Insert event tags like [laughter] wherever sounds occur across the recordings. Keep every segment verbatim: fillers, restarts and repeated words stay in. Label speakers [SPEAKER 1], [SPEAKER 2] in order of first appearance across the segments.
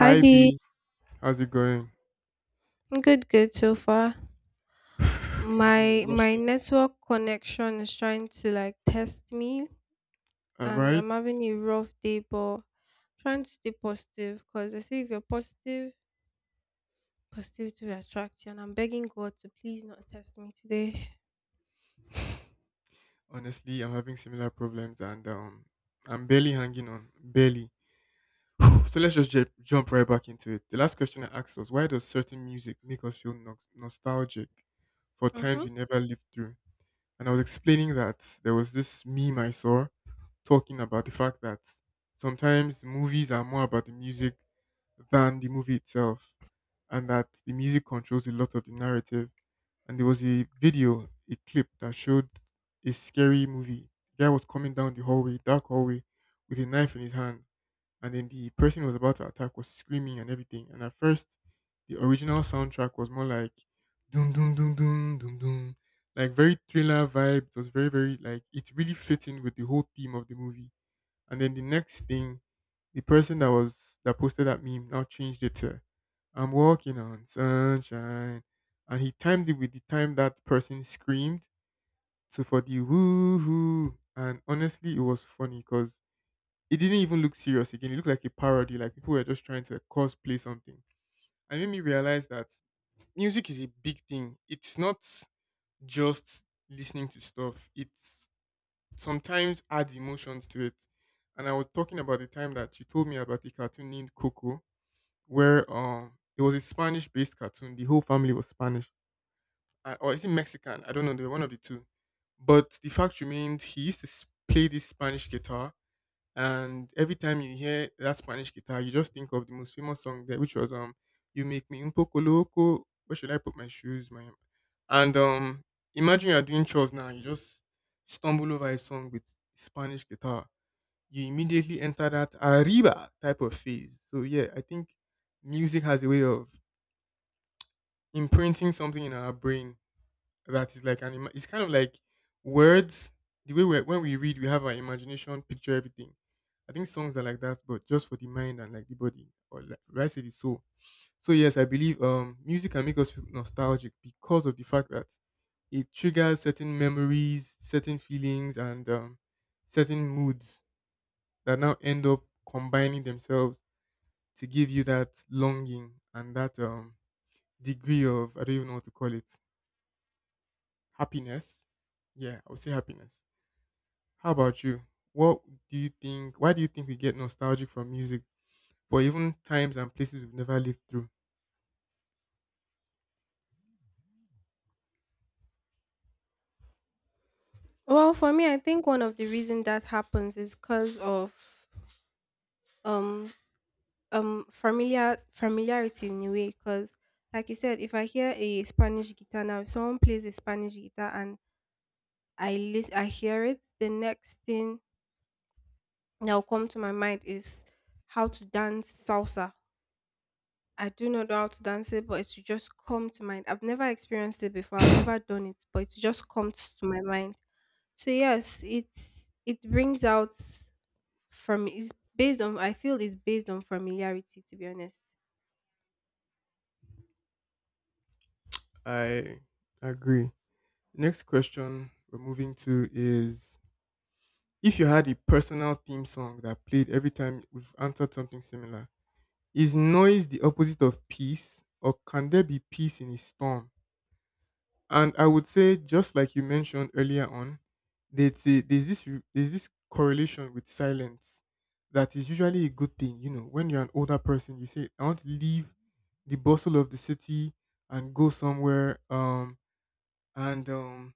[SPEAKER 1] Hi Dee.
[SPEAKER 2] B, how's it going? [sighs]
[SPEAKER 1] Good, good so far.
[SPEAKER 2] I'm
[SPEAKER 1] My
[SPEAKER 2] having a rough
[SPEAKER 1] my
[SPEAKER 2] time.
[SPEAKER 1] network connection is trying to like test me,
[SPEAKER 2] All
[SPEAKER 1] and
[SPEAKER 2] right.
[SPEAKER 1] I'm having a rough day, but trying to stay positive because they say if you're positive, positivity will attract you, and I'm begging God to please not test me today.
[SPEAKER 2] Honestly, I'm having similar problems and um I'm barely hanging on. Barely. So let's just ju- jump right back into it. The last question I asked was why does certain music make us feel nox- nostalgic for
[SPEAKER 1] Mm-hmm.
[SPEAKER 2] times we never lived through? And I was explaining that there was this meme I saw talking about the fact that sometimes movies are more about the music than the movie itself, and that the music controls a lot of the narrative. And there was a video, a clip that showed a scary movie. The guy was coming down the hallway, dark hallway, with a knife in his hand, and then the person who was about to attack was screaming and everything. And at first, the original soundtrack was more like doom doom doom doom doom doom, like very thriller vibe. It was very very like it really fit in with the whole theme of the movie. And then the next thing, the person that was that posted that meme now changed it to I'm walking on sunshine. And he timed it with the time that person screamed. So for the woo hoo. And honestly, it was funny because it didn't even look serious again. It looked like a parody, like people were just trying to cosplay something. And it made me realize that music is a big thing. It's not just listening to stuff, it's sometimes adds emotions to it. And I was talking about the time that she told me about a cartoon named Coco where um it was a Spanish based cartoon. The whole family was Spanish. Uh, or is it Mexican? I don't know. They were one of the two. But the fact remained, he used to s- play this Spanish guitar, and every time you hear that Spanish guitar, you just think of the most famous song there, which was um "You Make Me Un Poco Loco." Where should I put my shoes, my? And um, imagine you are doing chores now, you just stumble over a song with Spanish guitar. You immediately enter that arriba type of phase. So yeah, I think music has a way of imprinting something in our brain that is like an ima- it's kind of like words. The way we when we read, we have our imagination picture everything. I think songs are like that, but just for the mind and like the body, or like right say the soul. So yes, I believe um music can make us feel nostalgic because of the fact that it triggers certain memories, certain feelings, and um, certain moods that now end up combining themselves to give you that longing and that um degree of I don't even know what to call it, happiness. Yeah, I would say happiness. How about you? What do you think? Why do you think we get nostalgic from music for even times and places we've never lived through?
[SPEAKER 1] Well, for me, I think one of the reason that happens is because of um um familiar familiarity in a way, because like you said, if I hear a Spanish guitar now, if someone plays a Spanish guitar and I lis- I hear it. The next thing that will come to my mind is how to dance salsa. I do not know how to dance it, but it's just come to mind. I've never experienced it before. I've never done it, but it's just comes to my mind. So yes, it's it brings out from is based on I feel it's based on familiarity, to be honest.
[SPEAKER 2] I agree. Next question we're moving to is: if you had a personal theme song that played every time we've answered something similar, is noise the opposite of peace, or can there be peace in a storm? And I would say, just like you mentioned earlier on, that uh, there's this re- there's this correlation with silence that is usually a good thing. You know, when you're an older person, you say, "I want to leave the bustle of the city and go somewhere." Um, and um,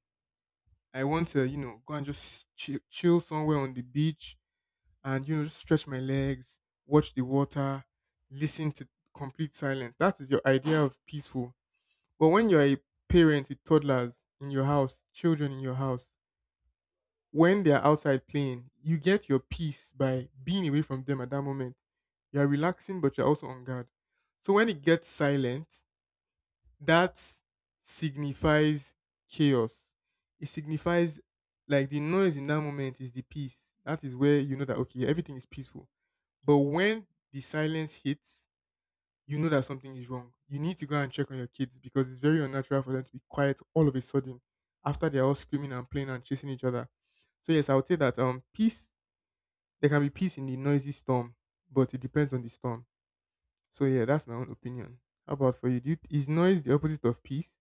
[SPEAKER 2] I want to, you know, go and just ch- chill somewhere on the beach, and you know just stretch my legs, watch the water, listen to complete silence. That is your idea of peaceful. But when you're a parent with toddlers in your house, children in your house, when they're outside playing, you get your peace by being away from them at that moment. You're relaxing, but you're also on guard. So when it gets silent, that signifies chaos. It signifies like the noise in that moment is the peace. That is where you know that okay, everything is peaceful. But when the silence hits, you know that something is wrong. You need to go and check on your kids because it's very unnatural for them to be quiet all of a sudden after they're all screaming and playing and chasing each other. So yes, I would say that um peace there can be peace in the noisy storm, but it depends on the storm. So yeah, that's my own opinion. How about for you? Do you is noise the opposite of peace?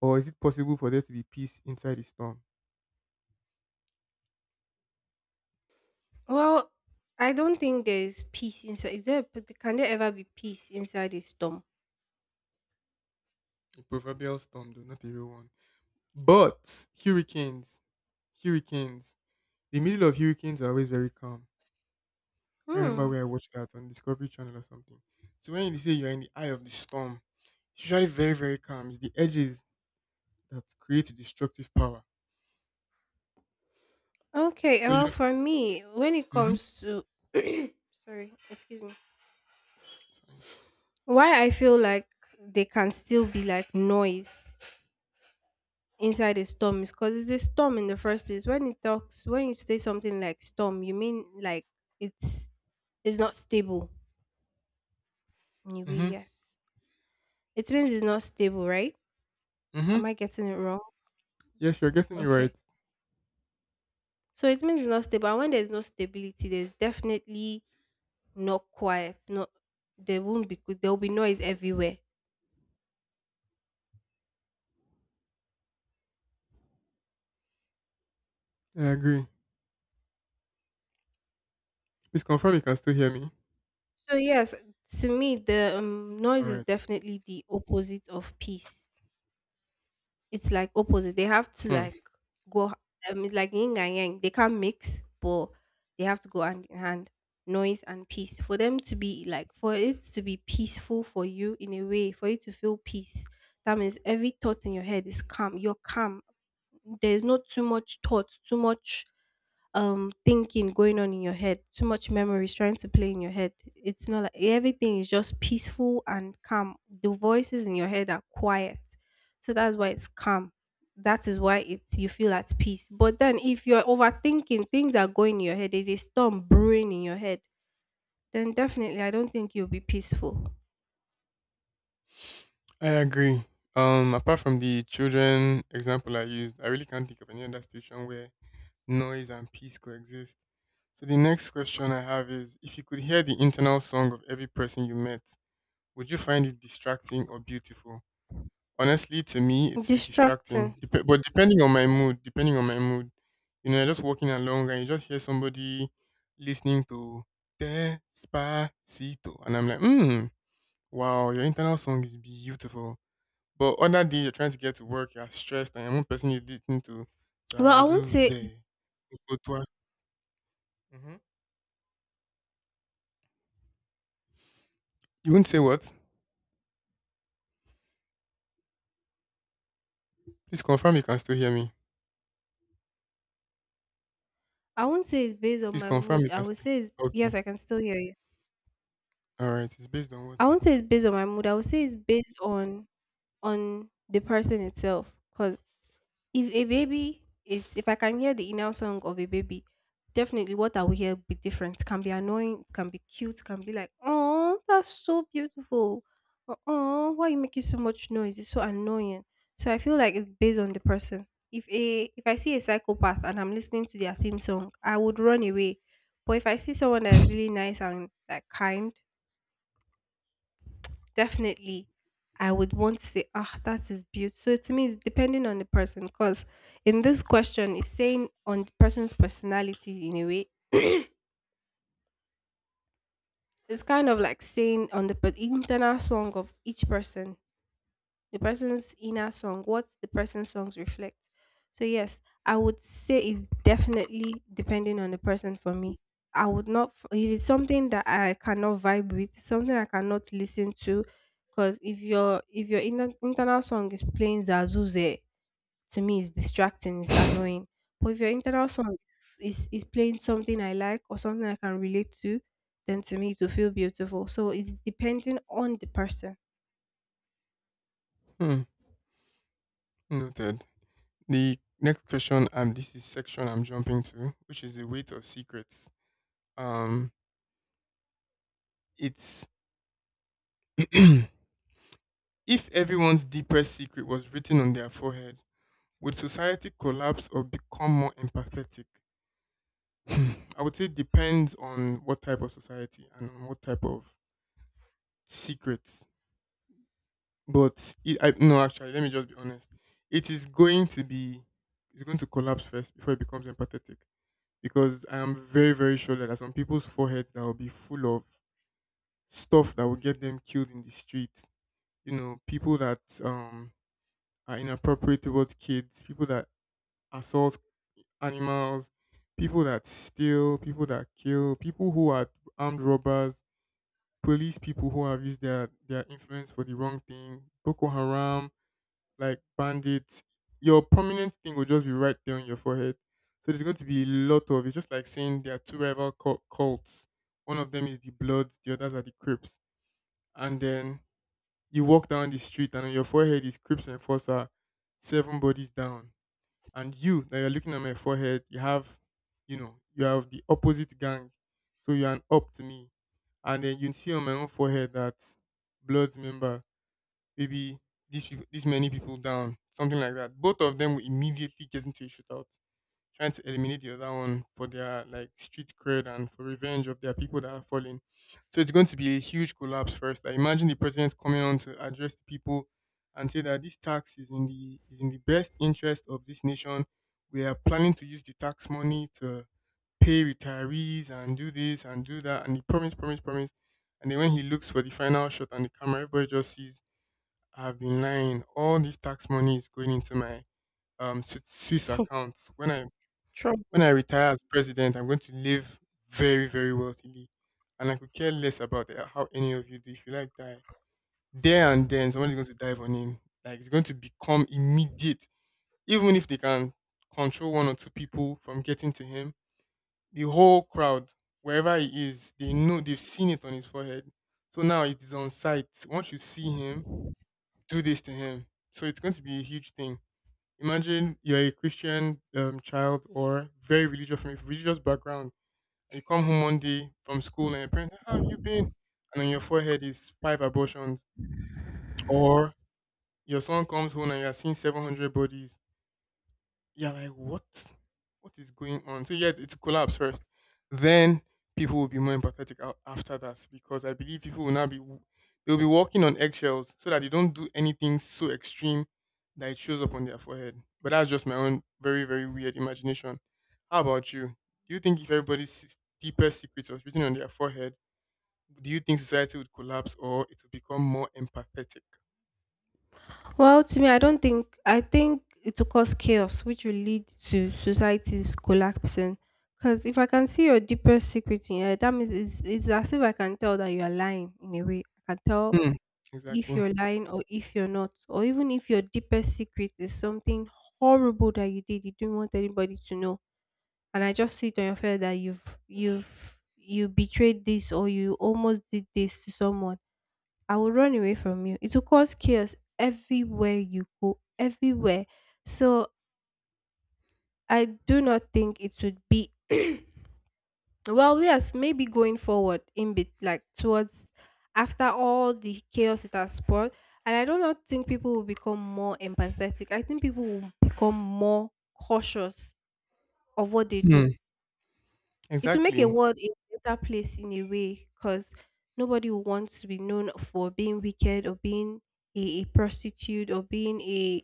[SPEAKER 2] Or is it possible for there to be peace inside the storm?
[SPEAKER 1] Well, I don't think there is peace inside. Is there p- can there ever be peace inside a storm?
[SPEAKER 2] A proverbial storm though, not a real one. But hurricanes. Hurricanes. The middle of hurricanes are always very calm. Can't remember
[SPEAKER 1] Hmm.
[SPEAKER 2] where I watched that, on Discovery Channel or something. So when you say you're in the eye of the storm, it's usually very very calm. It's the edges that create the destructive power.
[SPEAKER 1] Okay,
[SPEAKER 2] So you
[SPEAKER 1] well,
[SPEAKER 2] don't.
[SPEAKER 1] for me, when it
[SPEAKER 2] Mhm.
[SPEAKER 1] comes to sorry, excuse me. Why I feel like they can still be like noise inside a storm is because it's a storm in the first place. When it talks, when you say something like storm, you mean like it's it's not stable. Anyway,
[SPEAKER 2] Mhm.
[SPEAKER 1] yes, it means it's not stable, right?
[SPEAKER 2] Mhm.
[SPEAKER 1] Am I getting it wrong?
[SPEAKER 2] Yes, you're guessing it right.
[SPEAKER 1] Okay, so it means it's not stable. And when there's no stability, there's definitely not quiet. Not there won't be There will be noise everywhere.
[SPEAKER 2] I agree. Please confirm you can still hear me.
[SPEAKER 1] So yes, to me the um, noise
[SPEAKER 2] All
[SPEAKER 1] is
[SPEAKER 2] right.
[SPEAKER 1] definitely the opposite of peace. It's like opposite. They have to
[SPEAKER 2] Hmm.
[SPEAKER 1] like go. Um, it's like yin and yang. They can't mix, but they have to go hand in hand. Noise and peace, for them to be like for it to be peaceful for you, in a way for you to feel peace. That means every thought in your head is calm. You're calm. There's not too much thought, too much um thinking going on in your head, too much memories trying to play in your head. It's not like everything is just peaceful and calm, the voices in your head are quiet, so that's why it's calm, that is why it's you feel at peace. But then if you're overthinking, things are going in your head, there's a storm brewing in your head, then definitely I don't think you'll be peaceful.
[SPEAKER 2] I agree. Um, apart from the children example I used, I really can't think of any other situation where noise and peace coexist. So the next question I have is: If you could hear the internal song of every person you met, would you find it distracting or beautiful? Honestly, to me, it will be
[SPEAKER 1] Distracting.
[SPEAKER 2] distracting. Dep- but depending on my mood, depending on my mood, you know, you're just walking along and you just hear somebody listening to Despacito. And I'm like, hmm, wow, your internal song is beautiful. But other day, you're trying to get to work, you're stressed, and one person is listening to
[SPEAKER 1] Well, i won't say
[SPEAKER 2] Zazuze. Okotwa. Mhm. You would not say what? Please confirm you can still hear me.
[SPEAKER 1] i won't say it's based on
[SPEAKER 2] Please
[SPEAKER 1] my
[SPEAKER 2] confirm
[SPEAKER 1] mood.
[SPEAKER 2] you
[SPEAKER 1] I
[SPEAKER 2] can
[SPEAKER 1] would
[SPEAKER 2] still.
[SPEAKER 1] say it's yes
[SPEAKER 2] Okay.
[SPEAKER 1] I can still hear you.
[SPEAKER 2] All right. It's based on
[SPEAKER 1] I
[SPEAKER 2] what?
[SPEAKER 1] won't say it's based on my mood, I would say it's based on on the person itself. Because if a baby is, if I can hear the inner song of a baby, definitely what I will hear will be different. It can be annoying, it can be cute, it can be like, oh, that's so beautiful. Oh, why you making so much noise? It's so annoying. So I feel like it's based on the person. If a if I see a psychopath and I'm listening to their theme song, I would run away. But if I see someone that is really nice and like kind, definitely, I would want to say, ah, that is beautiful. So to me, it's depending on the person, because in this question, it's saying on the person's personality in a way. [clears throat] It's kind of like saying on the per- internal song of each person. The person's inner song, what the person's songs reflect. So yes, I would say it's definitely depending on the person for me. I would not f- if it's something that I cannot vibe with, something I cannot listen to, because if your if your inner, internal song is playing Zazuze, to me it's distracting, it's
[SPEAKER 2] [laughs]
[SPEAKER 1] annoying. But if your internal song is, is is playing something I like or something I can relate to, then to me it will feel beautiful. So it's depending on the person.
[SPEAKER 2] Hmm. Noted. The next question, and this is section I'm jumping to, which is the weight of secrets. Um, it's [clears throat] if everyone's deepest secret was written on their forehead, would society collapse or become more empathetic? Hmm, I would say depends on what type of society and on what type of secrets. But it, I no, actually, let me just be honest. It is going to be. It's going to collapse first before it becomes empathetic because I am very, very sure that there are some people's foreheads that will be full of stuff that will get them killed in the street. You know, people that um are inappropriate towards kids, people that assault animals, people that steal, people that kill, people who are armed robbers, police people who have used their their influence for the wrong thing, Boko Haram, like bandits, your prominent thing will just be right there on your forehead. So there's going to be a lot of it's just like saying there are two rival cult- cults. One of them is the Bloods, the others are the Crips. And then you walk down the street and on your forehead is Crips Enforcer, seven bodies down. And you that you're looking at my forehead, you have, you know, you have the opposite gang. So you're an up to me. And then you see on my own forehead that Bloods member, maybe these people, these many people down, something like that. Both of them will immediately get into a shootout, trying to eliminate the other one for their like street cred and for revenge of their people that are falling. So it's going to be a huge collapse first. I imagine the president coming on to address the people and say that this tax is in the is in the best interest of this nation. We are planning to use the tax money to pay retirees and do this and do that, and he promised, promised, promised. And then when he looks for the final shot on the camera, everybody just sees I've been lying. All this tax money is going into my um Swi- Swiss account. When I when
[SPEAKER 1] Trouble.
[SPEAKER 2] I retire as president, I'm going to live very very wealthily, and I could care less about the- how any of you do. If you like die there and then, somebody's going to dive on him. Like it's going to become immediate. Even if they can control one or two people from getting to him, the whole crowd wherever he is, they know they've seen it on his forehead. So now it is on sight. Once you see him, do this to him. So it's going to be a huge thing. Imagine you're a Christian um, child or very religious from a religious background, and you come home one day from school and your parents, how have you been? And on your forehead is five abortions. Or your son comes home and you are seeing seven hundred bodies, you're like, what? What is going on? So yes, it's collapse first. Then people will be more empathetic a- after that, because I believe people will now be— they'll be walking on eggshells so that they don't do anything so extreme that it shows up on their forehead. But that's just my own very very weird imagination. How about you? Do you think if everybody's s- deepest secrets was written on their forehead, do you think society would collapse or it would become more empathetic?
[SPEAKER 1] Well, to me, I don't think I think it will cause chaos, which will lead to society's collapsing. Because if I can see your deepest secret in your head, that means it's, it's as if I can tell that you are lying in a way. I can tell
[SPEAKER 2] Hmm.
[SPEAKER 1] if
[SPEAKER 2] Exactly.
[SPEAKER 1] you're lying or if you're not, or even if your deepest secret is something horrible that you did, you do not want anybody to know, and I just see it on your face that you've you've you betrayed this or you almost did this to someone, I will run away from you. It will cause chaos everywhere you go, everywhere. So I do not think it would be [clears throat] well, yes, maybe going forward in bit like towards after all the chaos it has spawned. And I do not think people will become more empathetic. I think people will become more cautious of what they do.
[SPEAKER 2] Hmm.
[SPEAKER 1] It will make a
[SPEAKER 2] Exactly.
[SPEAKER 1] world a better place in a way, because nobody will want to be known for being wicked or being a, a prostitute, or being a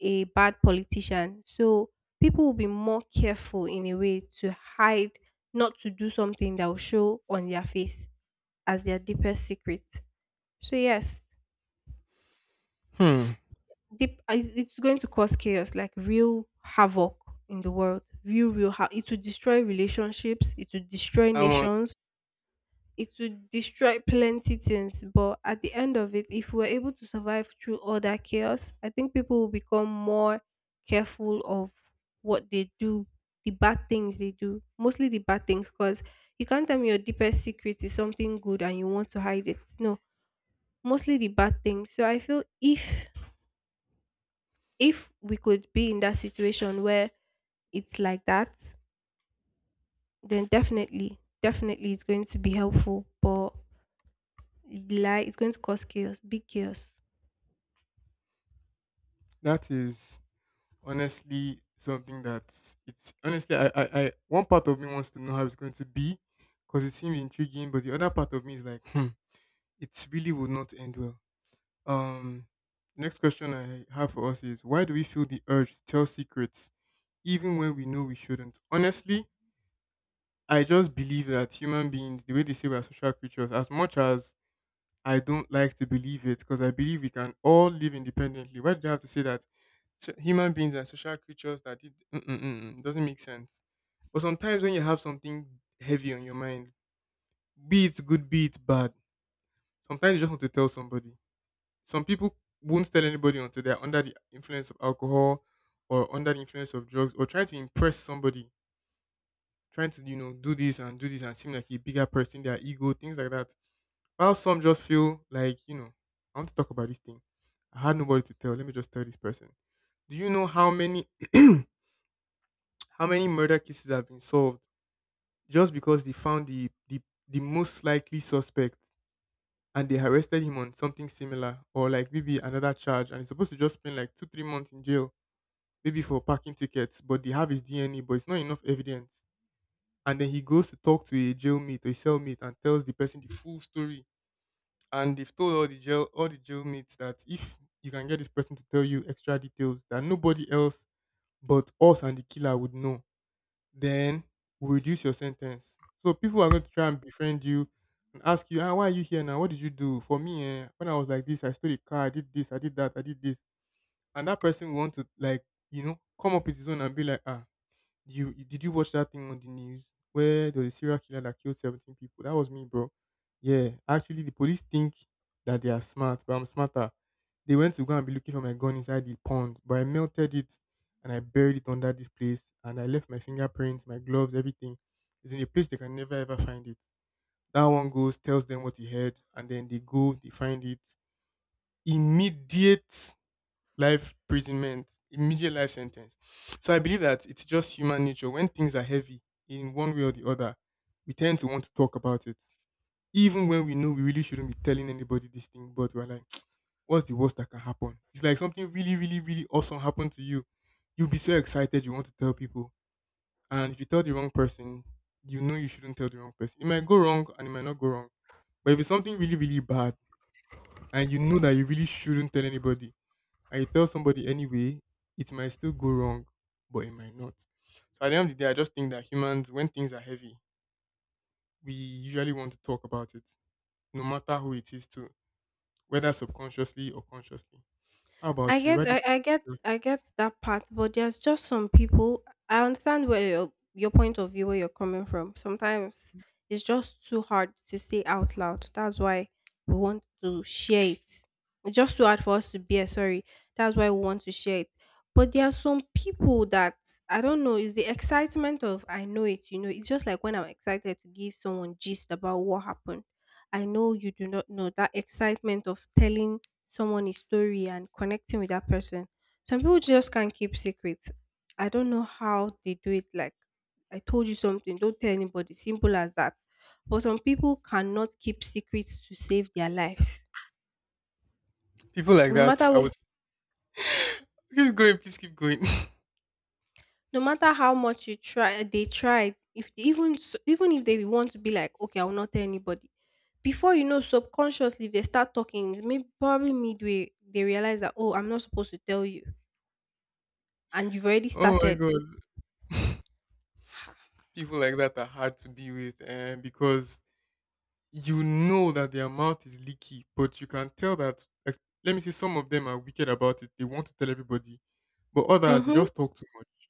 [SPEAKER 1] a bad politician. So people will be more careful in a way to hide, not to do something that will show on their face as their deepest secret. So yes,
[SPEAKER 2] Hmm.
[SPEAKER 1] deep uh, it's it's going to cause chaos, like real havoc in the world. Real, real, ha- it will destroy relationships. It will destroy
[SPEAKER 2] I want—
[SPEAKER 1] nations, it would destroy plenty things. But at the end of it, if we're able to survive through all that chaos, I think people will become more careful of what they do, the bad things they do, mostly the bad things, because you can't tell me your deepest secret is something good and you want to hide it. No, mostly the bad things. So I feel if if we could be in that situation where it's like that, then definitely, definitely it's going to be helpfly helpful. But lie, it's going to cause chaos, big chaos.
[SPEAKER 2] that is honestly something that— it's honestly— I, I I one part of me wants to know how it's going to be because it seems intriguing, but the other part of me is like, hmm, it really would not end well. Um, the next question I have for us is, why do we feel the urge to tell secrets even when we know we shouldn't? Honestly, I just believe that human beings, the way they say we are social creatures, as much as I don't like to believe it because I believe we can all live independently. Why do you have to say that— So- human beings are social creatures that— it mm-mm-mm, doesn't make sense? But sometimes when you have something heavy on your mind, be it good, be it bad, sometimes you just want to tell somebody. Some people won't tell anybody until they're under the influence of alcohol or under the influence of drugs or trying to impress somebody, trying to, you know, do this and do this and seem like a bigger person, their ego, things like that. While some just feel like, you know, I want to talk about this thing. I had nobody to tell. Let me just tell this person. Do you know how many [clears throat] how many murder cases have been solved just because they found the the, the most likely suspect and they arrested him on something similar, or like maybe another charge, and he's supposed to just spend like two, three months in jail, maybe for parking tickets, but they have his D N A, but it's not enough evidence. And then he goes to talk to a jailmate or a cellmate and tells the person the full story, and they've told all the jail all the jailmates that if you can get this person to tell you extra details that nobody else but us and the killer would know, then we reduce your sentence. So people are going to try and befriend you and ask you, ah, why are you here now? What did you do? For me, eh, when I was like this, I stole a car, I did this, I did that, I did this. And that person will want to like, you know, come up with his own and be like, ah, you you- did you watch that thing on the news where there was a serial killer that killed seventeen people? That was me, bro. Yeah, actually, the police think that they are smart, but I'm smarter. They went to go and be looking for my gun inside the pond, but I melted it and I buried it under this place, and I left my fingerprints, my gloves, everything. It's in a place they can never ever find it. That one goes, tells them what he heard, and then they go, they find it. Immediate life imprisonment, immediate life sentence. So I believe that it's just human nature. When things are heavy in one way or the other, we tend to want to talk about it. Even when we know we really shouldn't be telling anybody this thing, but we're like, [tsk] what's the worst that can happen? It's like something really, really, really awesome happened to you. You'll be so excited, you want to tell people. And if you tell the wrong person— you know you shouldn't tell the wrong person. It might go wrong and it might not go wrong. But if it's something really, really bad and you know that you really shouldn't tell anybody, and you tell somebody anyway, it might still go wrong, but it might not. So at the end of the day, I just think that humans, when things are heavy, we usually want to talk about it, no matter who it is to, whether subconsciously or consciously. How
[SPEAKER 1] I
[SPEAKER 2] about you? Why
[SPEAKER 1] get,
[SPEAKER 2] do you
[SPEAKER 1] I,
[SPEAKER 2] think
[SPEAKER 1] I get,
[SPEAKER 2] people—
[SPEAKER 1] I get that part, but there's just some people. I understand where your your point of view, where you're coming from. Sometimes it's just too hard to say out loud. That's why we want to share it. It's just too hard for us to bear. Sorry, that's why we want to share it. But there are some people that I don't know. Is the excitement of I know it. You know, it's just like when I'm excited to give someone gist about what happened. I know you do not know that excitement of telling someone a story and connecting with that person. Some people just can't keep secrets. I don't know how they do it. Like, I told you something, don't tell anybody. Simple as that. But some people cannot keep secrets to save their lives.
[SPEAKER 2] people like
[SPEAKER 1] No
[SPEAKER 2] that?
[SPEAKER 1] matter
[SPEAKER 2] I
[SPEAKER 1] what,
[SPEAKER 2] would— keep going, please keep going. [laughs]
[SPEAKER 1] no matter how much you try, they try. If even s- even if they want to be like, okay, I will not tell anybody. Before you know, subconsciously if they start talking. It's maybe probably midway they realize that oh, I'm not supposed to tell you, and you've already
[SPEAKER 2] Oh my
[SPEAKER 1] started.
[SPEAKER 2] god, people like that are hard to be with, and because you know that their mouth is leaky, but you can tell that. ex- Let me say, some of them are wicked about it. They want to tell everybody, but others, they
[SPEAKER 1] Mhm.
[SPEAKER 2] just talk too much.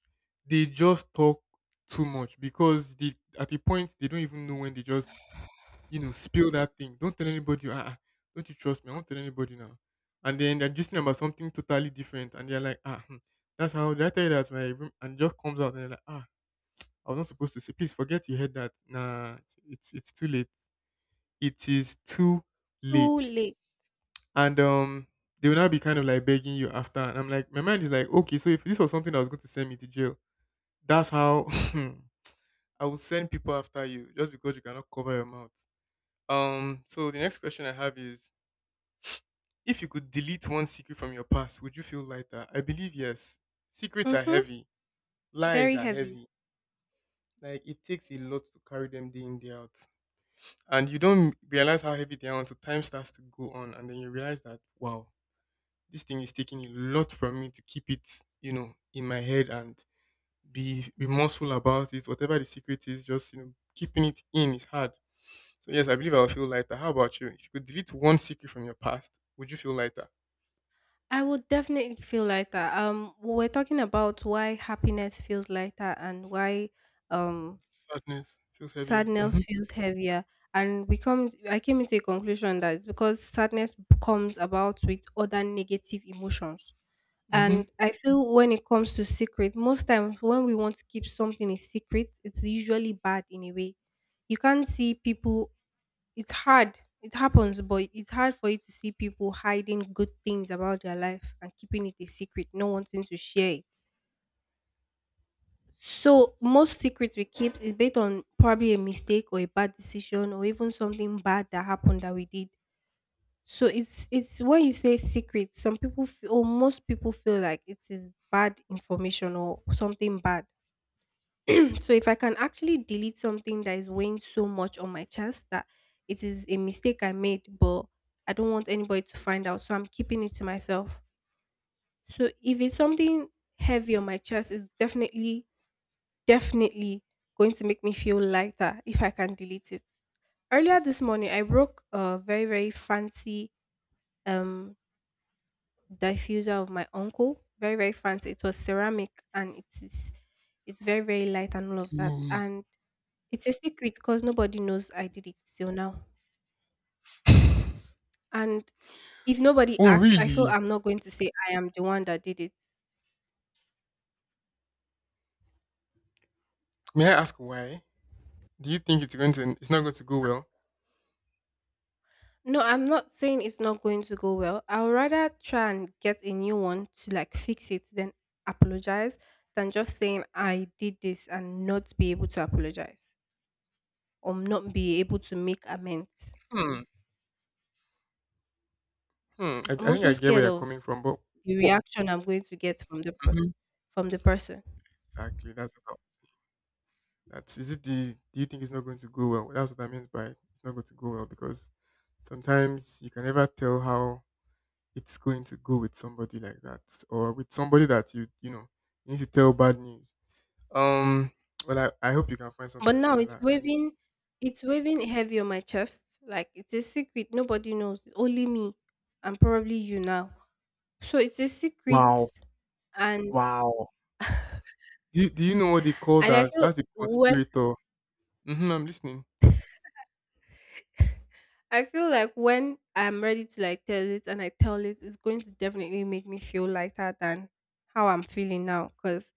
[SPEAKER 2] They just talk too much because they— at a point they don't even know when they just, you know, spill that thing. Don't tell anybody. Ah, uh don't you trust me? I won't tell anybody now. And then they're just about something totally different, and they're like, ah, hmm, that's— how did I tell you that's my room? And it just comes out and they're like, ah, I was not supposed to say. Please forget you heard that. Nah, it's it's, it's too late, it is too
[SPEAKER 1] Too
[SPEAKER 2] late.
[SPEAKER 1] late.
[SPEAKER 2] And um, they will now be kind of like begging you after. And I'm like, my mind is like, okay, so if this was something that was going to send me to jail, that's how [laughs] I will send people after you just because you cannot cover your mouth. Um, so the next question I have is, if you could delete one secret from your past, would you feel lighter? I believe yes. Secrets are
[SPEAKER 1] Mm-hmm.
[SPEAKER 2] heavy. Lies
[SPEAKER 1] Very
[SPEAKER 2] are
[SPEAKER 1] heavy.
[SPEAKER 2] heavy. Like it takes a lot to carry them day in day out, and you don't realize how heavy they are until time starts to go on, and then you realize that wow, this thing is taking a lot from me to keep it, you know, in my head and be remorseful about it. Whatever the secret is, just, you know, keeping it in is hard. So yes, I believe I'll feel lighter. How about you? If you could delete one secret from your past, would you feel lighter?
[SPEAKER 1] I would definitely feel lighter. Um, we we're talking about why happiness feels lighter and why um
[SPEAKER 2] Sadness feels heavier.
[SPEAKER 1] sadness
[SPEAKER 2] Mhm.
[SPEAKER 1] feels heavier, and we come. I came into a conclusion that it's because sadness comes about with other negative emotions.
[SPEAKER 2] Mhm.
[SPEAKER 1] And I feel when it comes to secret, most times when we want to keep something a secret, it's usually bad in a way. You can't see people. It's hard. It happens, but it's hard for you to see people hiding good things about their life and keeping it a secret, not wanting to share it. So most secrets we keep is based on probably a mistake or a bad decision or even something bad that happened that we did. So it's it's when you say secret, some people feel, or most people feel like it is bad information or something bad. [clears throat] So if I can actually delete something that is weighing so much on my chest that it is a mistake I made, but I don't want anybody to find out, so I'm keeping it to myself. So if it's something heavy on my chest, it's definitely, definitely going to make me feel lighter if I can delete it. Earlier this morning, I broke a very, very fancy um diffuser of my uncle. Very, very fancy. It was ceramic, and it is it's very, very light and all of that.
[SPEAKER 2] Mm.
[SPEAKER 1] And it's a secret because nobody knows I did it till now. And if nobody
[SPEAKER 2] Oh
[SPEAKER 1] asks, I feel
[SPEAKER 2] really?
[SPEAKER 1] I'm not going to say I am the one that did it.
[SPEAKER 2] May I ask why? Do you think it's going to— it's not going to go well.
[SPEAKER 1] No, I'm not saying it's not going to go well. I would rather try and get a new one to like fix it than apologize, than just saying I did this and not be able to apologize or not be able to make amends.
[SPEAKER 2] Hmm. Hmm. I,
[SPEAKER 1] I'm
[SPEAKER 2] I think
[SPEAKER 1] also
[SPEAKER 2] I get where
[SPEAKER 1] scared
[SPEAKER 2] you're
[SPEAKER 1] of
[SPEAKER 2] coming from, but—
[SPEAKER 1] the
[SPEAKER 2] what—
[SPEAKER 1] reaction I'm going to get from the per-
[SPEAKER 2] Mhm.
[SPEAKER 1] from the person.
[SPEAKER 2] Exactly. That's what I was— that's it, the— do you think it's not going to go well? Well, that's what I meant by, it's not going to go well, because sometimes you can never tell how it's going to go with somebody like that, or with somebody that you you know, you need to tell bad news. Um well, I, I hope you can find
[SPEAKER 1] But
[SPEAKER 2] something
[SPEAKER 1] now it's
[SPEAKER 2] similar and—
[SPEAKER 1] waving, it's waving heavy on my chest. Like it's a secret nobody knows. Only me and probably you now. So it's a secret
[SPEAKER 2] Wow.
[SPEAKER 1] and
[SPEAKER 2] Wow. do you, do you know what they call
[SPEAKER 1] and I
[SPEAKER 2] that?
[SPEAKER 1] feel
[SPEAKER 2] That's a
[SPEAKER 1] when
[SPEAKER 2] conspirator. Mm-hmm, I'm listening.
[SPEAKER 1] I feel like when I'm ready to like tell it and I tell it, it's going to definitely make me feel lighter than how I'm feeling now. Cause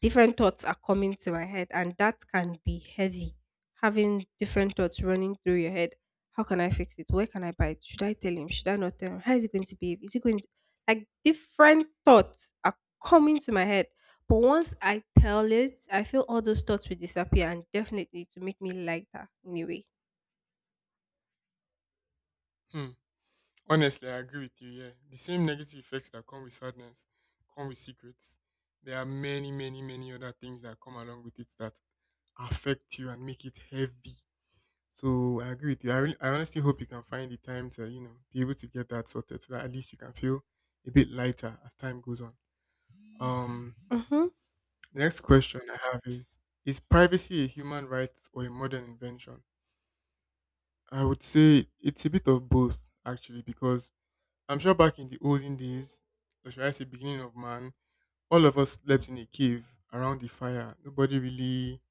[SPEAKER 1] different thoughts are coming to my head and that can be heavy, having different thoughts running through your head. How can I fix it? Where can I buy it? Should I tell him? Should I not tell him? How is he going to behave? Is he going to, like, different thoughts are coming to my head. But once I tell it, I feel all those thoughts will disappear and definitely to make me lighter in a way.
[SPEAKER 2] Hmm. Honestly, I agree with you. Yeah, the same negative effects that come with sadness come with secrets. There are many, many, many other things that come along with it that affect you and make it heavy. So I agree with you. I, really, I honestly hope you can find the time to, you know, be able to get that sorted so that at least you can feel a bit lighter as time goes on. Um,
[SPEAKER 1] Mm-hmm.
[SPEAKER 2] the next question I have is: is privacy a human right or a modern invention? I would say it's a bit of both, actually, because I'm sure back in the olden days, or should I say beginning of man, all of us slept in a cave around the fire. Nobody really,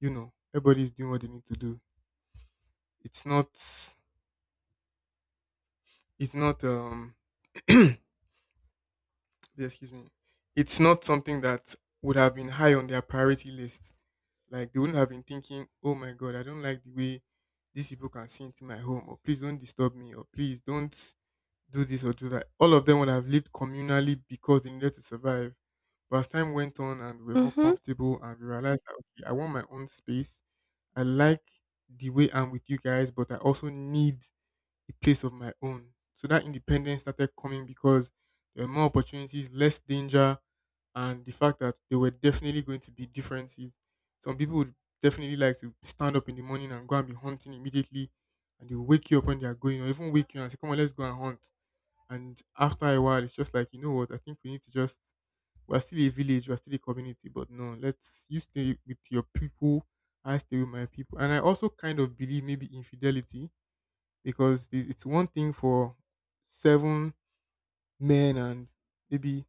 [SPEAKER 2] you know, everybody's doing what they need to do. It's not, it's not, um, [clears throat] excuse me, it's not something that would have been high on their priority list. Like they wouldn't have been thinking, oh my god, I don't like the way these people can see into my home, or please don't disturb me, or please don't do this or do that. All of them would have lived communally because they needed to survive. But as time went on and we were more
[SPEAKER 1] Mm-hmm.
[SPEAKER 2] comfortable and we realized that, okay, I want my own space. I like the way I'm with you guys, but I also need a place of my own. So that independence started coming, because there were more opportunities, less danger, and the fact that there were definitely going to be differences. Some people would definitely like to stand up in the morning and go and be hunting immediately, and they will wake you up when they are going, or even wake you and say, "Come on, let's go and hunt." And after a while, it's just like, you know what? I think we need to just, we're still a village, we're still a community, but no, let's, you stay with your people, I stay with my people. And I also kind of believe maybe infidelity because it- it's one thing for seven men and maybe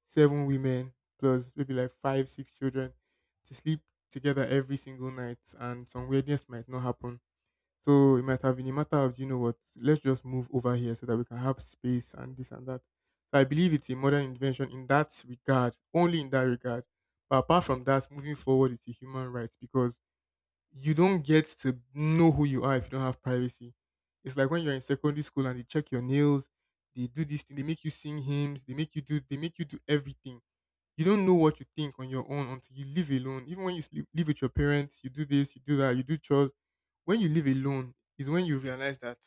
[SPEAKER 2] seven women plus maybe like five, six children to sleep together every single night and some weirdness might not happen, so it might have been a matter of, "Do you know what, let's just move over here so that we can have space and this and that." So I believe it's a modern invention in that regard, only in that regard. But apart from that, moving forward is a human right, because you don't get to know who you are if you don't have privacy. It's like when you're in secondary school and they check your nails, they do this thing, they make you sing hymns, they make you do they make you do everything. You don't know what you think on your own until you live alone. Even when you sleep, live with your parents, you do this, you do that, you do chores. When you live alone is when you realize that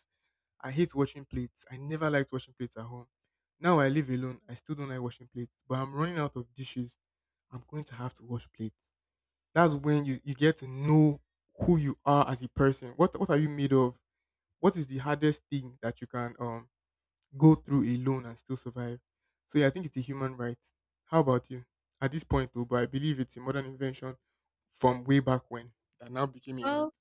[SPEAKER 2] I hate washing plates. I never liked washing plates at home. Now I live alone. I still don't like washing plates, but I'm running out of dishes. I'm going to have to wash plates. That's when you, you get to know who you are as a person. What what are you made of? What is the hardest thing that you can um go through alone and still survive? So yeah, I think it's a human right. How about you? At this point, though, but I believe it's a modern invention from way back when that now became a right.
[SPEAKER 1] well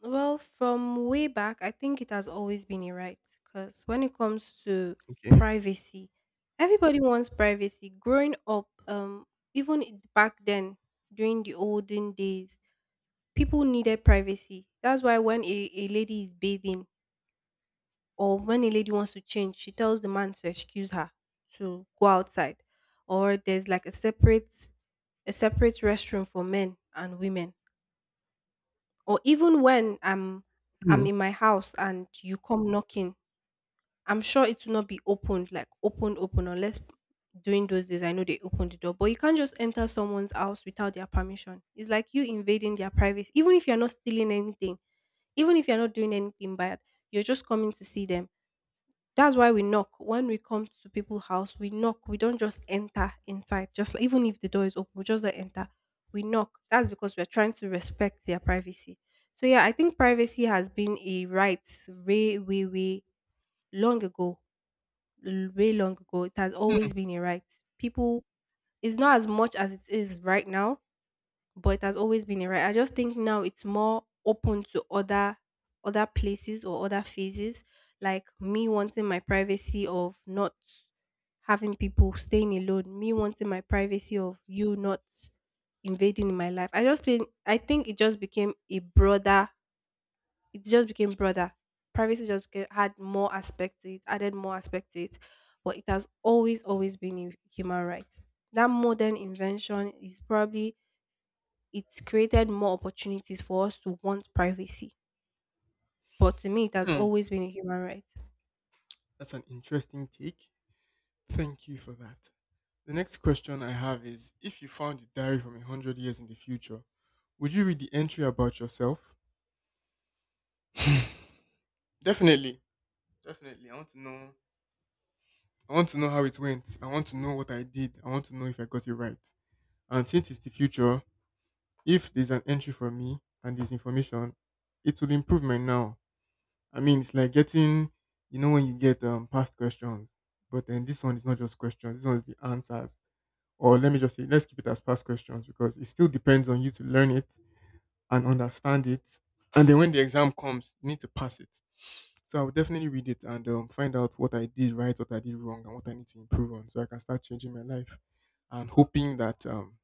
[SPEAKER 1] Well, from way back, I think it has always been a right because when it comes to
[SPEAKER 2] Okay.
[SPEAKER 1] privacy, everybody wants privacy. Growing up, um, even i- back then, during the olden days, people needed privacy. That's why when a, a lady is bathing or when a lady wants to change, she tells the man to excuse her to go outside, or there's like a separate, a separate restroom for men and women, or even when I'm I'm
[SPEAKER 2] Hmm.
[SPEAKER 1] in my house and you come knocking, I'm sure it will not be opened like open open, unless during those days, I know they open the door. But you can't just enter someone's house without their permission. It's like you invading their privacy. Even if you're not stealing anything, even if you're not doing anything bad, you're just coming to see them. That's why we knock. When we come to people's house, we knock. We don't just enter inside. Just like, even if the door is open, we just don't enter. We knock. That's because we're trying to respect their privacy. So yeah, I think privacy has been a right way, way, way long ago. l- Way long ago. It has always
[SPEAKER 2] Hmm.
[SPEAKER 1] been a right. People, it's not as much as it is right now, but it has always been a right. I just think now it's more open to other other places or other phases, like me wanting my privacy of not having people staying alone, me wanting my privacy of you not invading my life. I just think I think it just became a broader. It just became broader. Privacy just became, had more aspect to it, added more aspect to it, but it has always always been a human right. That modern invention is probably it's created more opportunities for us to want privacy. But to me, it has
[SPEAKER 2] Hmm.
[SPEAKER 1] always been a human right.
[SPEAKER 2] That's an interesting take. Thank you for that. The next question I have is, if you found a diary from a hundred years in the future, would you read the entry about yourself? Definitely. Definitely. I want to know I want to know how it went. I want to know what I did. I want to know if I got it right. And since it's the future, if there's an entry for me and there's information, it will improve my now. I mean, it's like getting, you know, when you get um, past questions, but then this one is not just questions, this one is the answers. Or let me just say, let's keep it as past questions, because it still depends on you to learn it and understand it. And then when the exam comes, you need to pass it. So I will definitely read it and um, find out what I did right, what I did wrong, and what I need to improve on, so I can start changing my life and hoping that um,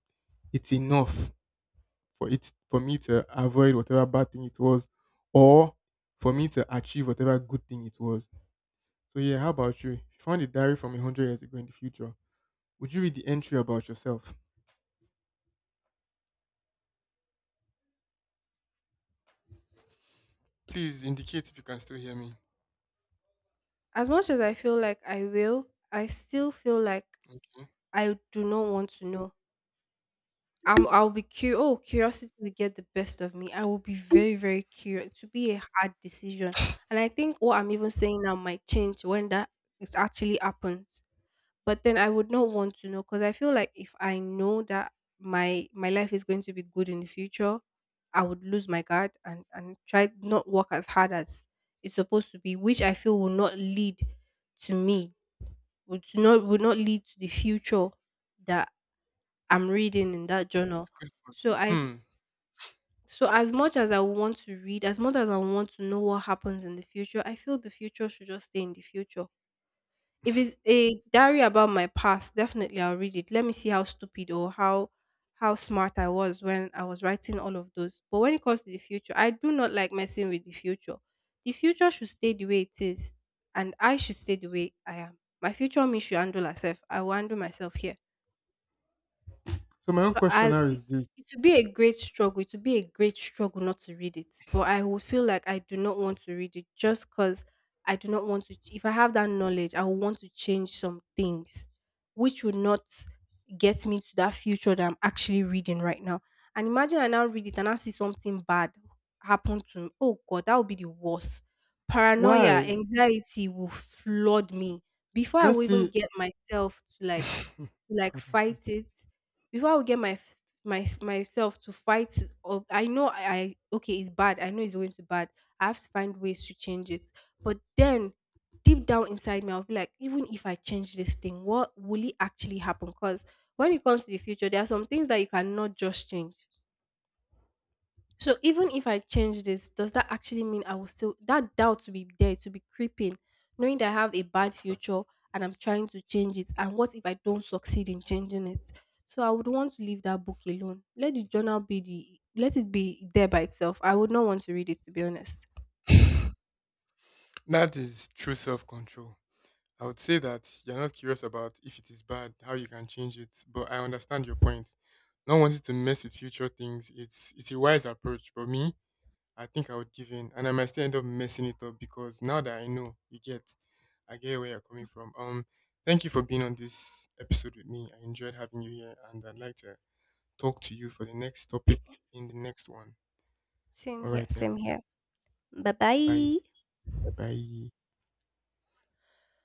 [SPEAKER 2] it's enough for it for me to avoid whatever bad thing it was, or for me to achieve whatever good thing it was. So yeah, how about you? If you found a diary from a hundred years ago in the future, would you read the entry about yourself? Please indicate if you can still hear me.
[SPEAKER 1] As much as I feel like I will, I still feel like
[SPEAKER 2] Okay.
[SPEAKER 1] I do not want to know. I'm, I'll be curious. Oh, curiosity will get the best of me. I will be very, very curious. To be a hard decision, and I think what I'm even saying now might change when that it actually happens. But then I would not want to know because I feel like if I know that my my life is going to be good in the future, I would lose my guard and and try not work as hard as it's supposed to be, which I feel will not lead to me, would not would not lead to the future that I'm reading in that
[SPEAKER 2] This is
[SPEAKER 1] journal.
[SPEAKER 2] good for
[SPEAKER 1] So
[SPEAKER 2] you.
[SPEAKER 1] I f-
[SPEAKER 2] Hmm.
[SPEAKER 1] so as much as I want to read, as much as I want to know what happens in the future, I feel the future should just stay in the future. If it's a diary about my past, definitely I'll read it. Let me see how stupid or how how smart I was when I was writing all of those. But when it comes to the future, I do not like messing with the future. The future should stay the way it is, and I should stay the way I am. My future me should handle herself. I will handle myself here.
[SPEAKER 2] So my own
[SPEAKER 1] So
[SPEAKER 2] question
[SPEAKER 1] I
[SPEAKER 2] now
[SPEAKER 1] it,
[SPEAKER 2] is this.
[SPEAKER 1] it would be a great struggle. It would be a great struggle not to read it. But I would feel like I do not want to read it just because I do not want to. ch- If I have that knowledge, I would want to change some things, which would not get me to that future that I'm actually reading right now. And imagine I now read it and I see something bad happen to me. Oh God, that would be the worst. Paranoia,
[SPEAKER 2] Why?
[SPEAKER 1] anxiety will flood me before I
[SPEAKER 2] Let's
[SPEAKER 1] will even
[SPEAKER 2] see.
[SPEAKER 1] get myself to like
[SPEAKER 2] [laughs]
[SPEAKER 1] to like
[SPEAKER 2] God, I beg.
[SPEAKER 1] fight it, before I would get my f- my s- myself to fight it. Or I know I, I, okay, it's bad, I know it's going to bad, I have to find ways to change it. But then, deep down inside me, I'll be like, even if I change this thing, what will it actually happen? Because when it comes to the future, there are some things that you cannot just change. So even if I change this, does that actually mean I will still that doubt to be there to be creeping, knowing that I have a bad future and I'm trying to change it? And what if I don't succeed in changing it? So I would want to leave that book alone. Let the journal be, the let it be there by itself. I would not want to read it, to be honest.
[SPEAKER 2] That is true self control. I would say that you're not curious about if it is bad, how you can change it, but I understand your point. Not wanting to mess with future things, it's it's a wise approach. But me, I think I would give in, and I might still end up messing it up because now that I know, you get, I get where you're coming from. Um, thank you for being on this episode with me. I enjoyed having you here, and I'd like to talk to you for the next topic in the next one.
[SPEAKER 1] Same
[SPEAKER 2] All
[SPEAKER 1] here,
[SPEAKER 2] right
[SPEAKER 1] same
[SPEAKER 2] then,
[SPEAKER 1] here. Bye
[SPEAKER 2] bye,
[SPEAKER 1] bye.
[SPEAKER 2] bye.